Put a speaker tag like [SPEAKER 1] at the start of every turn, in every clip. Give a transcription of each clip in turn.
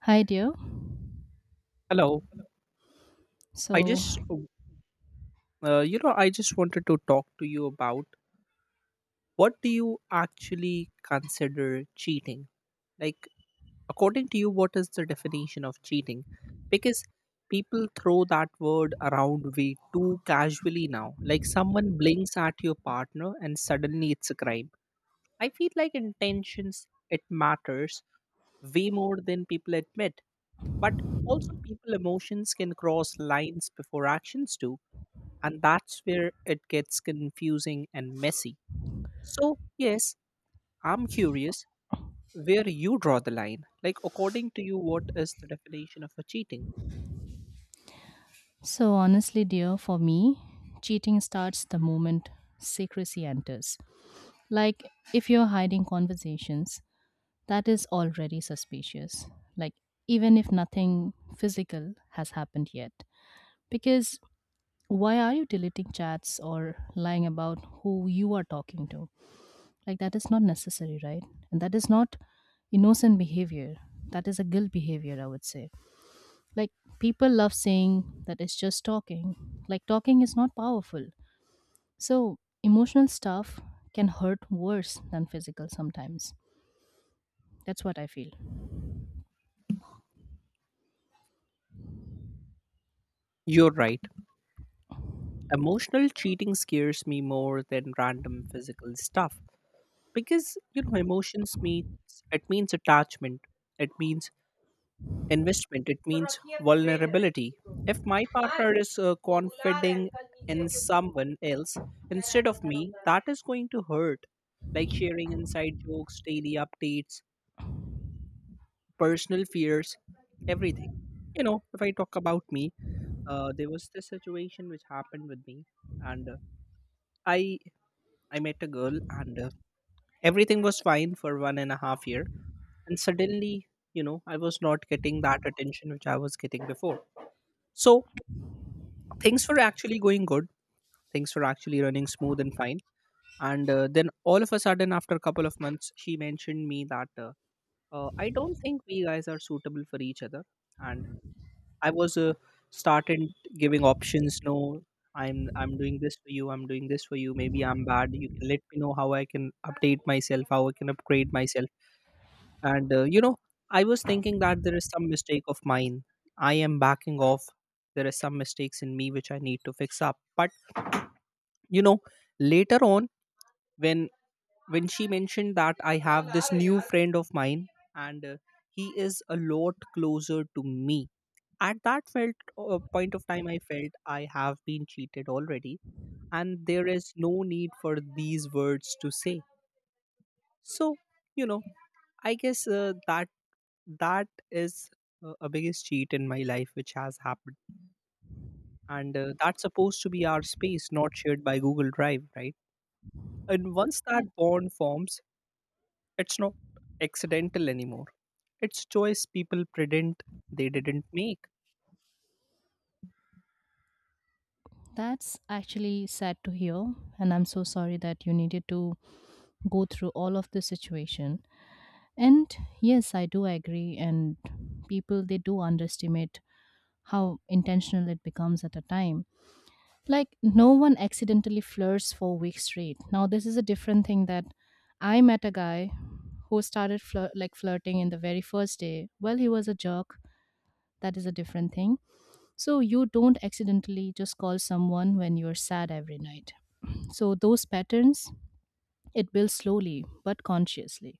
[SPEAKER 1] Hi, dear.
[SPEAKER 2] Hello. I
[SPEAKER 1] So,
[SPEAKER 2] just, I just wanted to talk to you about, what do you actually consider cheating? Like, according to you, what is the definition of cheating? Because people throw that word around way too casually now. Like, someone blinks at your partner and suddenly it's a crime. I feel like intentions, it matters way more than people admit. But also, people emotions can cross lines before actions do, and that's where it gets confusing and messy. So, yes, I'm curious where you draw the line. Like, according to you, what is the definition of a cheating?
[SPEAKER 1] so honestly, dear, for me, cheating starts the moment secrecy enters. Like, if you're hiding conversations, that is already suspicious. Like, even if nothing physical has happened yet. Because why are you deleting chats or lying about who you are talking to? Like, that is not necessary, right? And that is not innocent behavior. That is a guilt behavior, I would say. Like, people love saying that it's just talking. Like, talking is not powerful. So emotional stuff can hurt worse than physical sometimes. That's what I feel.
[SPEAKER 2] You're right. Emotional cheating scares me more than random physical stuff because you know emotions means, it means attachment, it means investment, it means vulnerability. If my partner is confiding in someone else instead of me, that is going to hurt, like sharing inside jokes, daily updates, personal fears, everything. You know, if I talk about me, there was this situation which happened with me, and i I met a girl, and everything was fine for 1.5 years, and suddenly, you know, I was not getting that attention which I was getting before. So things were actually going good, things were actually running smooth and fine. And then all of a sudden, after a couple of months, she mentioned me that I don't think we guys are suitable for each other. And I was started giving options. No, I'm doing this for you, I'm doing this for you, maybe I'm bad, you can let me know how I can update myself, how I can upgrade myself. And you know, I was thinking that there is some mistake of mine, I am backing off, there are some mistakes in me which I need to fix up. But you know, later on, when when she mentioned that I have this new friend of mine, and he is a lot closer to me, at that felt point of time, I felt I have been cheated already, and there is no need for these words to say. So you know, I guess that is a biggest cheat in my life which has happened. And that's supposed to be our space, not shared by google drive, right? And once that
[SPEAKER 1] That-
[SPEAKER 2] bond forms, it's not accidental anymore. It's choice people pretend they didn't make.
[SPEAKER 1] That's actually sad to hear. And I'm so sorry that you needed to go through all of this situation. And yes, I do agree. And people, they do underestimate how intentional it becomes at a time. Like, no one accidentally flirts for weeks straight. Now this is a different thing, that I met a guy who started flirting in the very first day. Well, he was a jerk. That is a different thing. So you don't accidentally just call someone when you're sad every night. So those patterns, it builds slowly but consciously,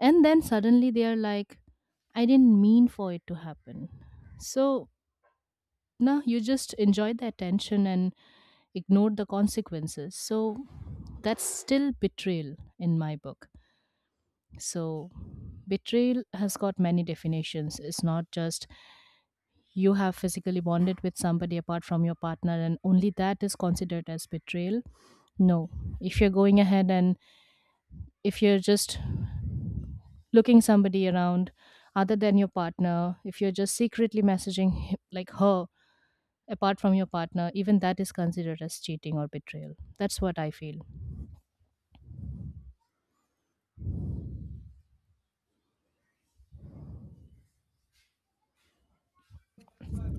[SPEAKER 1] and then suddenly they are like, I didn't mean for it to happen. So now you just enjoy the attention and ignored the consequences. So that's still betrayal in my book. So betrayal has got many definitions. It's not just you have physically bonded with somebody apart from your partner and only that is considered as betrayal. No. If you're going ahead and if you're just looking somebody around other than your partner, if you're just secretly messaging her apart from your partner, even that is considered as cheating or betrayal. That's what I feel.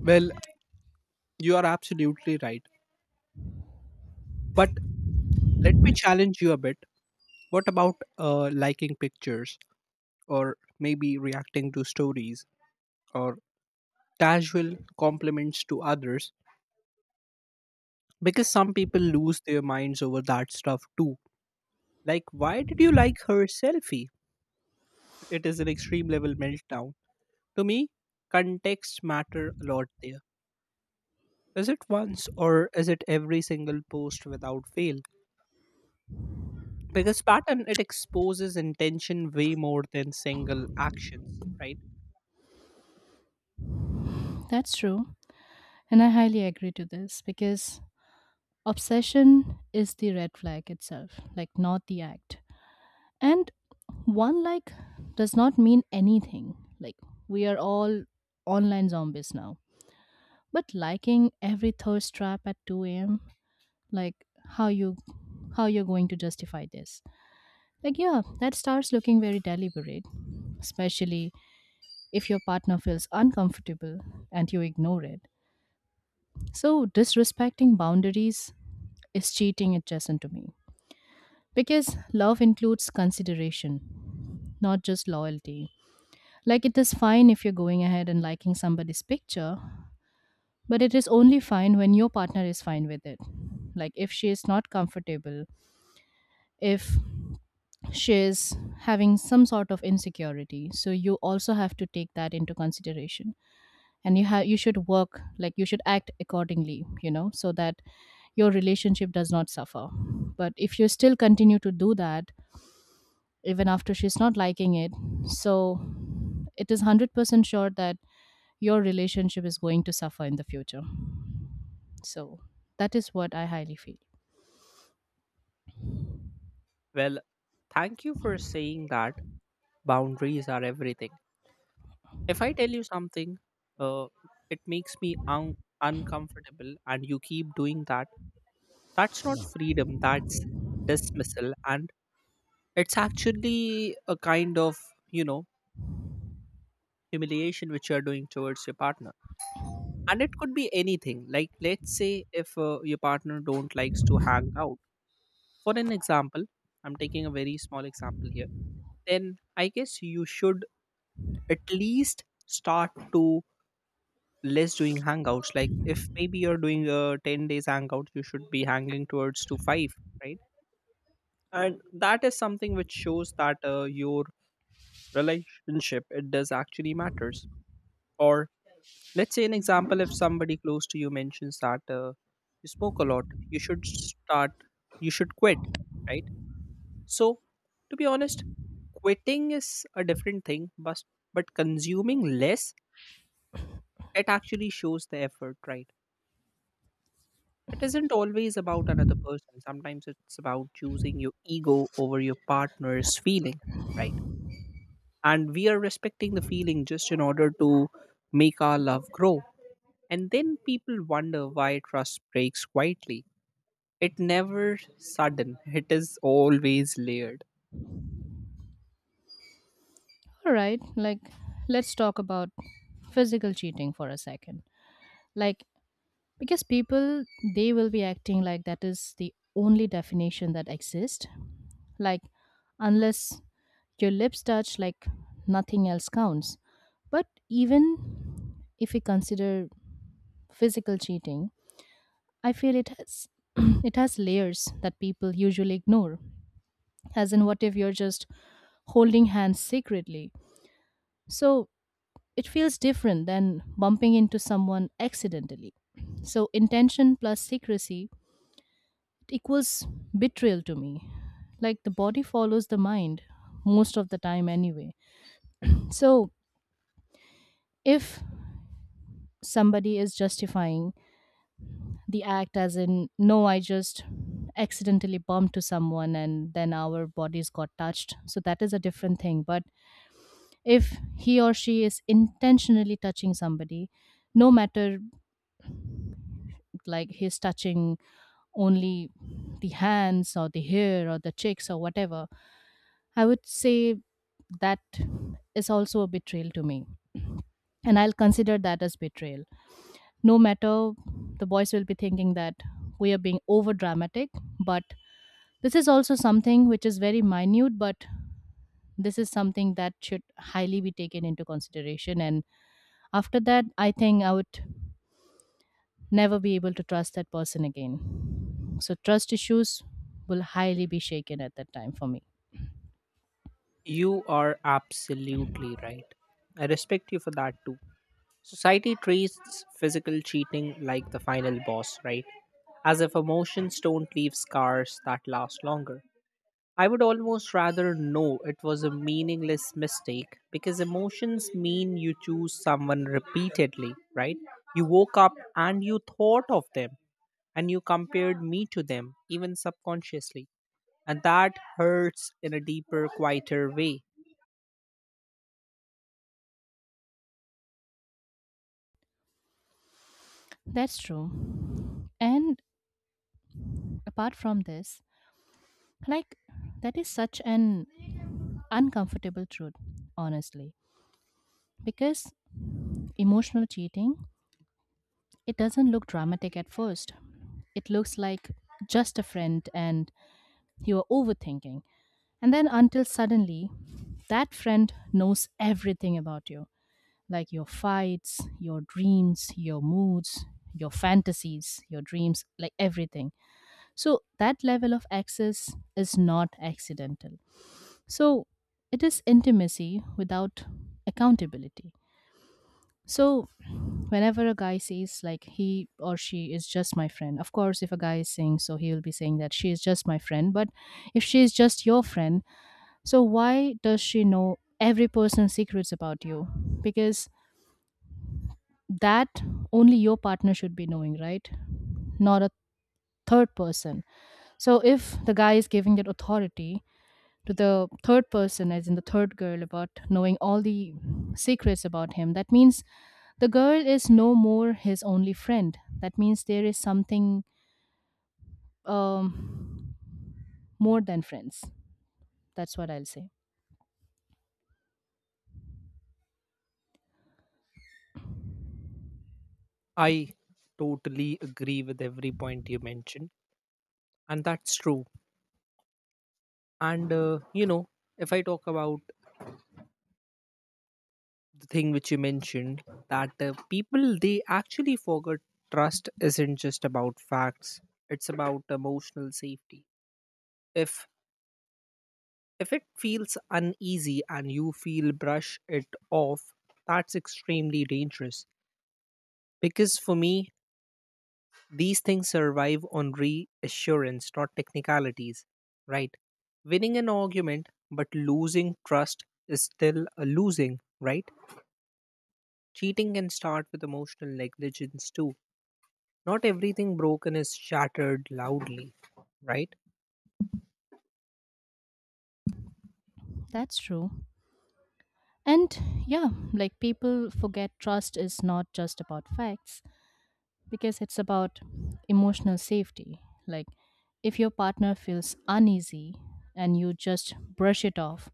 [SPEAKER 2] Well, you are absolutely right. But let me challenge you a bit. What about liking pictures, or maybe reacting to stories, or casual compliments to others? Because some people lose their minds over that stuff too. Like, why did you like her selfie? It is an extreme level meltdown. To me, context matter a lot there. Is it once or is it every single post without fail? Because pattern, it exposes intention way more than single actions, right?
[SPEAKER 1] That's true. And I highly agree to this because obsession is the red flag itself, like, not the act. And one like does not mean anything. Like, we are all online zombies now. But liking every thirst trap at 2 a.m., like, how you how you're going to justify this. Like, yeah, that starts looking very deliberate, especially if your partner feels uncomfortable and you ignore it. So, disrespecting boundaries is cheating adjacent to me. Because love includes consideration, not just loyalty. Like, it is fine if you're going ahead and liking somebody's picture, but it is only fine when your partner is fine with it. Like, if she is not comfortable, if she is having some sort of insecurity, so you also have to take that into consideration, and you should work, like, you should act accordingly, you know, so that your relationship does not suffer. But if you still continue to do that even after she's not liking it, so it is 100% sure that your relationship is going to suffer in the future. So that is what I highly feel.
[SPEAKER 2] Well, thank you for saying that boundaries are everything. If I tell you something, uh, it makes me uncomfortable, and you keep doing that, that's not freedom, that's dismissal. And it's actually a kind of, you know, humiliation which you're doing towards your partner. And it could be anything. Like, let's say if your partner don't likes to hang out, for an example, I'm taking a very small example here, then I guess you should at least start to less doing hangouts. Like, if maybe you're doing a 10 days hangout, you should be hanging towards to 5, right? And that is something which shows that your relationship, it does actually matters. Or let's say an example, if somebody close to you mentions that you smoke a lot, you should start, you should quit, right? So to be honest, quitting is a different thing, but consuming less, it actually shows the effort, right? It isn't always about another person. Sometimes it's about choosing your ego over your partner's feeling, right? And we are respecting the feeling just in order to make our love grow. And then people wonder why trust breaks quietly. It never sudden. It is always layered.
[SPEAKER 1] All right, like, let's talk about physical cheating for a second. Like, because people, they will be acting like that is the only definition that exists. Like, unless your lips touch, like, nothing else counts. But even if we consider physical cheating, I feel it has it has layers that people usually ignore. As in, what if you're just holding hands secretly? So it feels different than bumping into someone accidentally. So intention plus secrecy equals betrayal to me. Like, the body follows the mind most of the time, anyway. So if somebody is justifying the act as in, no, I just accidentally bumped to someone and then our bodies got touched, so that is a different thing. But if he or she is intentionally touching somebody, no matter, like, he's touching only the hands or the hair or the cheeks or whatever, I would say that is also a betrayal to me. And I'll consider that as betrayal. No matter, the boys will be thinking that we are being over dramatic, but this is also something which is very minute, but this is something that should highly be taken into consideration. And after that, I think I would never be able to trust that person again. So, trust issues will highly be shaken at that time for me.
[SPEAKER 2] You are absolutely right. I respect you for that too. Society treats physical cheating like the final boss, right? As if emotions don't leave scars that last longer. I would almost rather know it was a meaningless mistake because emotions mean you choose someone repeatedly, right? You woke up and you thought of them and you compared me to them, even subconsciously. And that hurts in a deeper, quieter way.
[SPEAKER 1] That's true. And apart from this, like, that is such an uncomfortable truth, honestly, because emotional cheating, it doesn't look dramatic at first. It looks like just a friend and you are overthinking. And then until suddenly that friend knows everything about you, like your fights, your dreams, your moods, your fantasies, your dreams, like everything. So that level of access is not accidental. So it is intimacy without accountability. So whenever a guy says like he or she is just my friend, of course if a guy is saying so he will be saying that she is just my friend, but if she is just your friend, so why does she know every person's secrets about you? Because that only your partner should be knowing, right? Not a third person. So if the guy is giving that authority to the third person, as in the third girl, about knowing all the secrets about him. That means the girl is no more his only friend. That means there is something um, more than friends. That's what I'll say.
[SPEAKER 2] I totally agree with every point you mentioned. And that's true. And, you know, if I talk about the thing which you mentioned, that people, they actually forget, trust isn't just about facts, it's about emotional safety. If if it feels uneasy and you feel brush it off, that's extremely dangerous. Because for me, these things survive on reassurance, not technicalities, right? Winning an argument but losing trust is still a losing, right? Cheating can start with emotional negligence too. Not everything broken is shattered loudly, right?
[SPEAKER 1] That's true. And yeah, like, people forget trust is not just about facts, because it's about emotional safety. Like, if your partner feels uneasy and you just brush it off,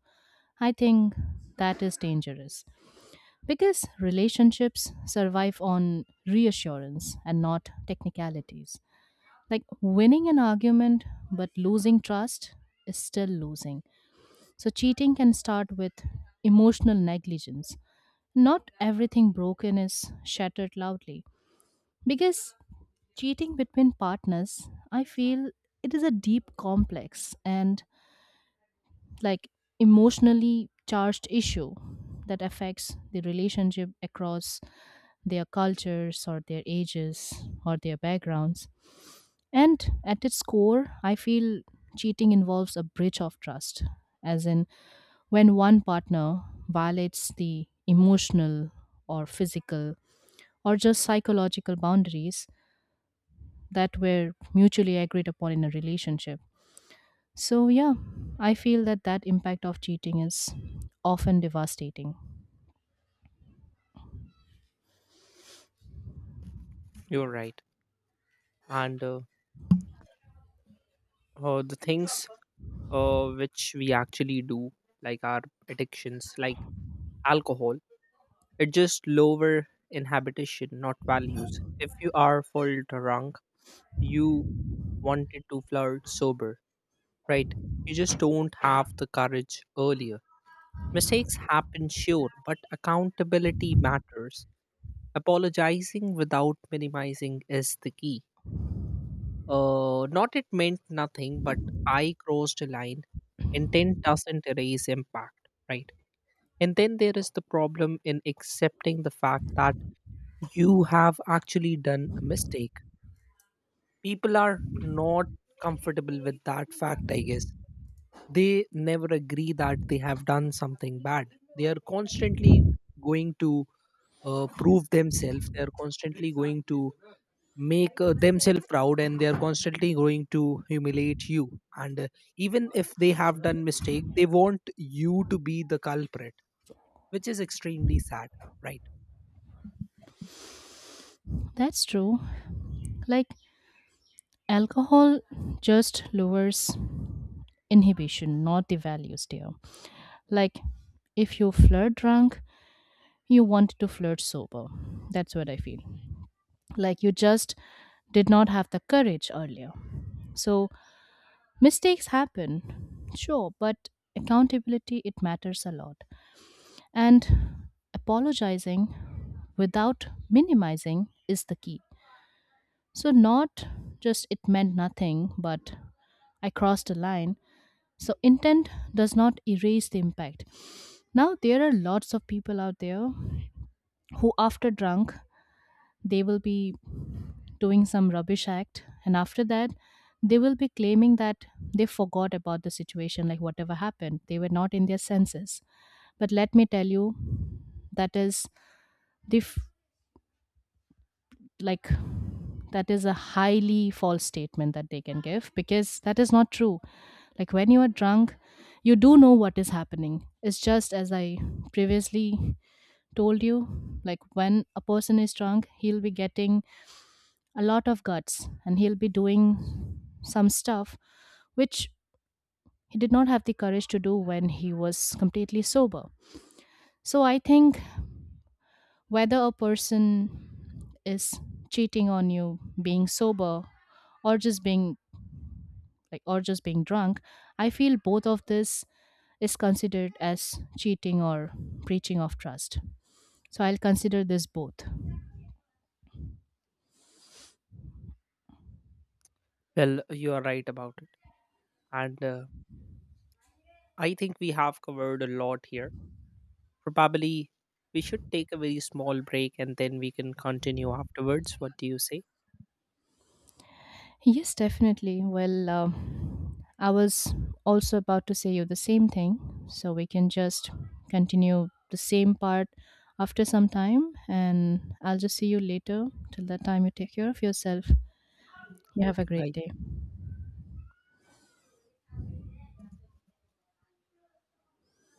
[SPEAKER 1] I think that is dangerous. Because relationships survive on reassurance and not technicalities. Like, winning an argument but losing trust is still losing. So cheating can start with emotional negligence. Not everything broken is shattered loudly. Because cheating between partners, I feel it is a deep complex and, like, emotionally charged issue that affects the relationship across their cultures or their ages or their backgrounds. And at its core, I feel cheating involves a breach of trust, as in when one partner violates the emotional or physical or just psychological boundaries that were mutually agreed upon in a relationship. So, yeah, I feel that impact of cheating is often devastating.
[SPEAKER 2] You're right. And the things which we actually do, like our addictions, like alcohol, it just lower inhabitation, not values. If you are full drunk, you wanted to flirt sober, right? You just don't have the courage earlier. Mistakes happen, sure, but accountability matters. Apologizing without minimizing is the key. Not it meant nothing, but I crossed a line. Intent doesn't erase impact, right? And then there is the problem in accepting the fact that you have actually done a mistake. People are not comfortable with that fact, I guess. They never agree that they have done something bad. They are constantly going to prove themselves, they are constantly going to make themselves proud, and they are constantly going to humiliate you. And even if they have done mistake, they want you to be the culprit, which is extremely sad, right?
[SPEAKER 1] That's true. Like, alcohol just lowers inhibition, not the values there. Like, if you flirt drunk, you want to flirt sober. That's what I feel. Like, you just did not have the courage earlier. So, mistakes happen, sure, but accountability, it matters a lot. And apologizing without minimizing is the key. So, not just it meant nothing, but I crossed a line. So, intent does not erase the impact. Now, there are lots of people out there who, after drunk, they will be doing some rubbish act, and after that, they will be claiming that they forgot about the situation, like whatever happened, they were not in their senses. But let me tell you, that is the f- like that is a highly false statement that they can give, because that is not true. Like, when you are drunk, you do know what is happening. It's just, as I previously told you, like, when a person is drunk, he'll be getting a lot of guts and he'll be doing some stuff which he did not have the courage to do when he was completely sober. So I think whether a person is cheating on you, being sober, or just being like or just being drunk, I feel both of this is considered as cheating or breaching of trust. So I'll consider this both.
[SPEAKER 2] Well, you are right about it. And I think we have covered a lot here. Probably we should take a very small break and then we can continue afterwards, what do you say?
[SPEAKER 1] Yes, definitely. Well, I was also about to say you the same thing, so we can just continue the same part after some time, and I'll just see you later. Till that time, you take care of yourself. You have a
[SPEAKER 2] Okay,
[SPEAKER 1] great
[SPEAKER 2] bye.
[SPEAKER 1] day.